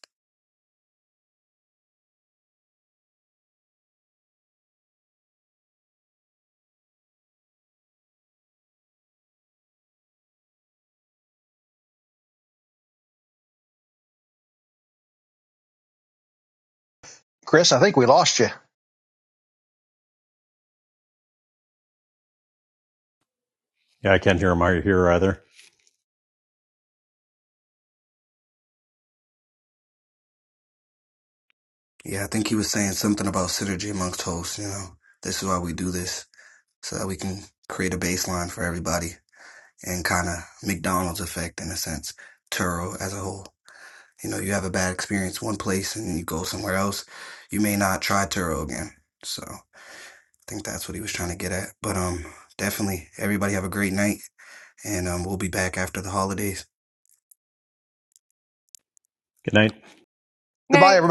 [SPEAKER 7] Chris. I think we lost you.
[SPEAKER 5] Yeah, I can't hear Amari here either.
[SPEAKER 1] Yeah, I think he was saying something about synergy amongst hosts. You know, this is why we do this so that we can create a baseline for everybody and kind of McDonald's effect in a sense. Turo as a whole. You know, you have a bad experience one place and you go somewhere else, you may not try Turo again. So I think that's what he was trying to get at. But um, definitely, everybody have a great night. and um, we'll be back after the holidays.
[SPEAKER 5] Good night.
[SPEAKER 7] Goodbye,
[SPEAKER 3] Now,
[SPEAKER 7] everybody.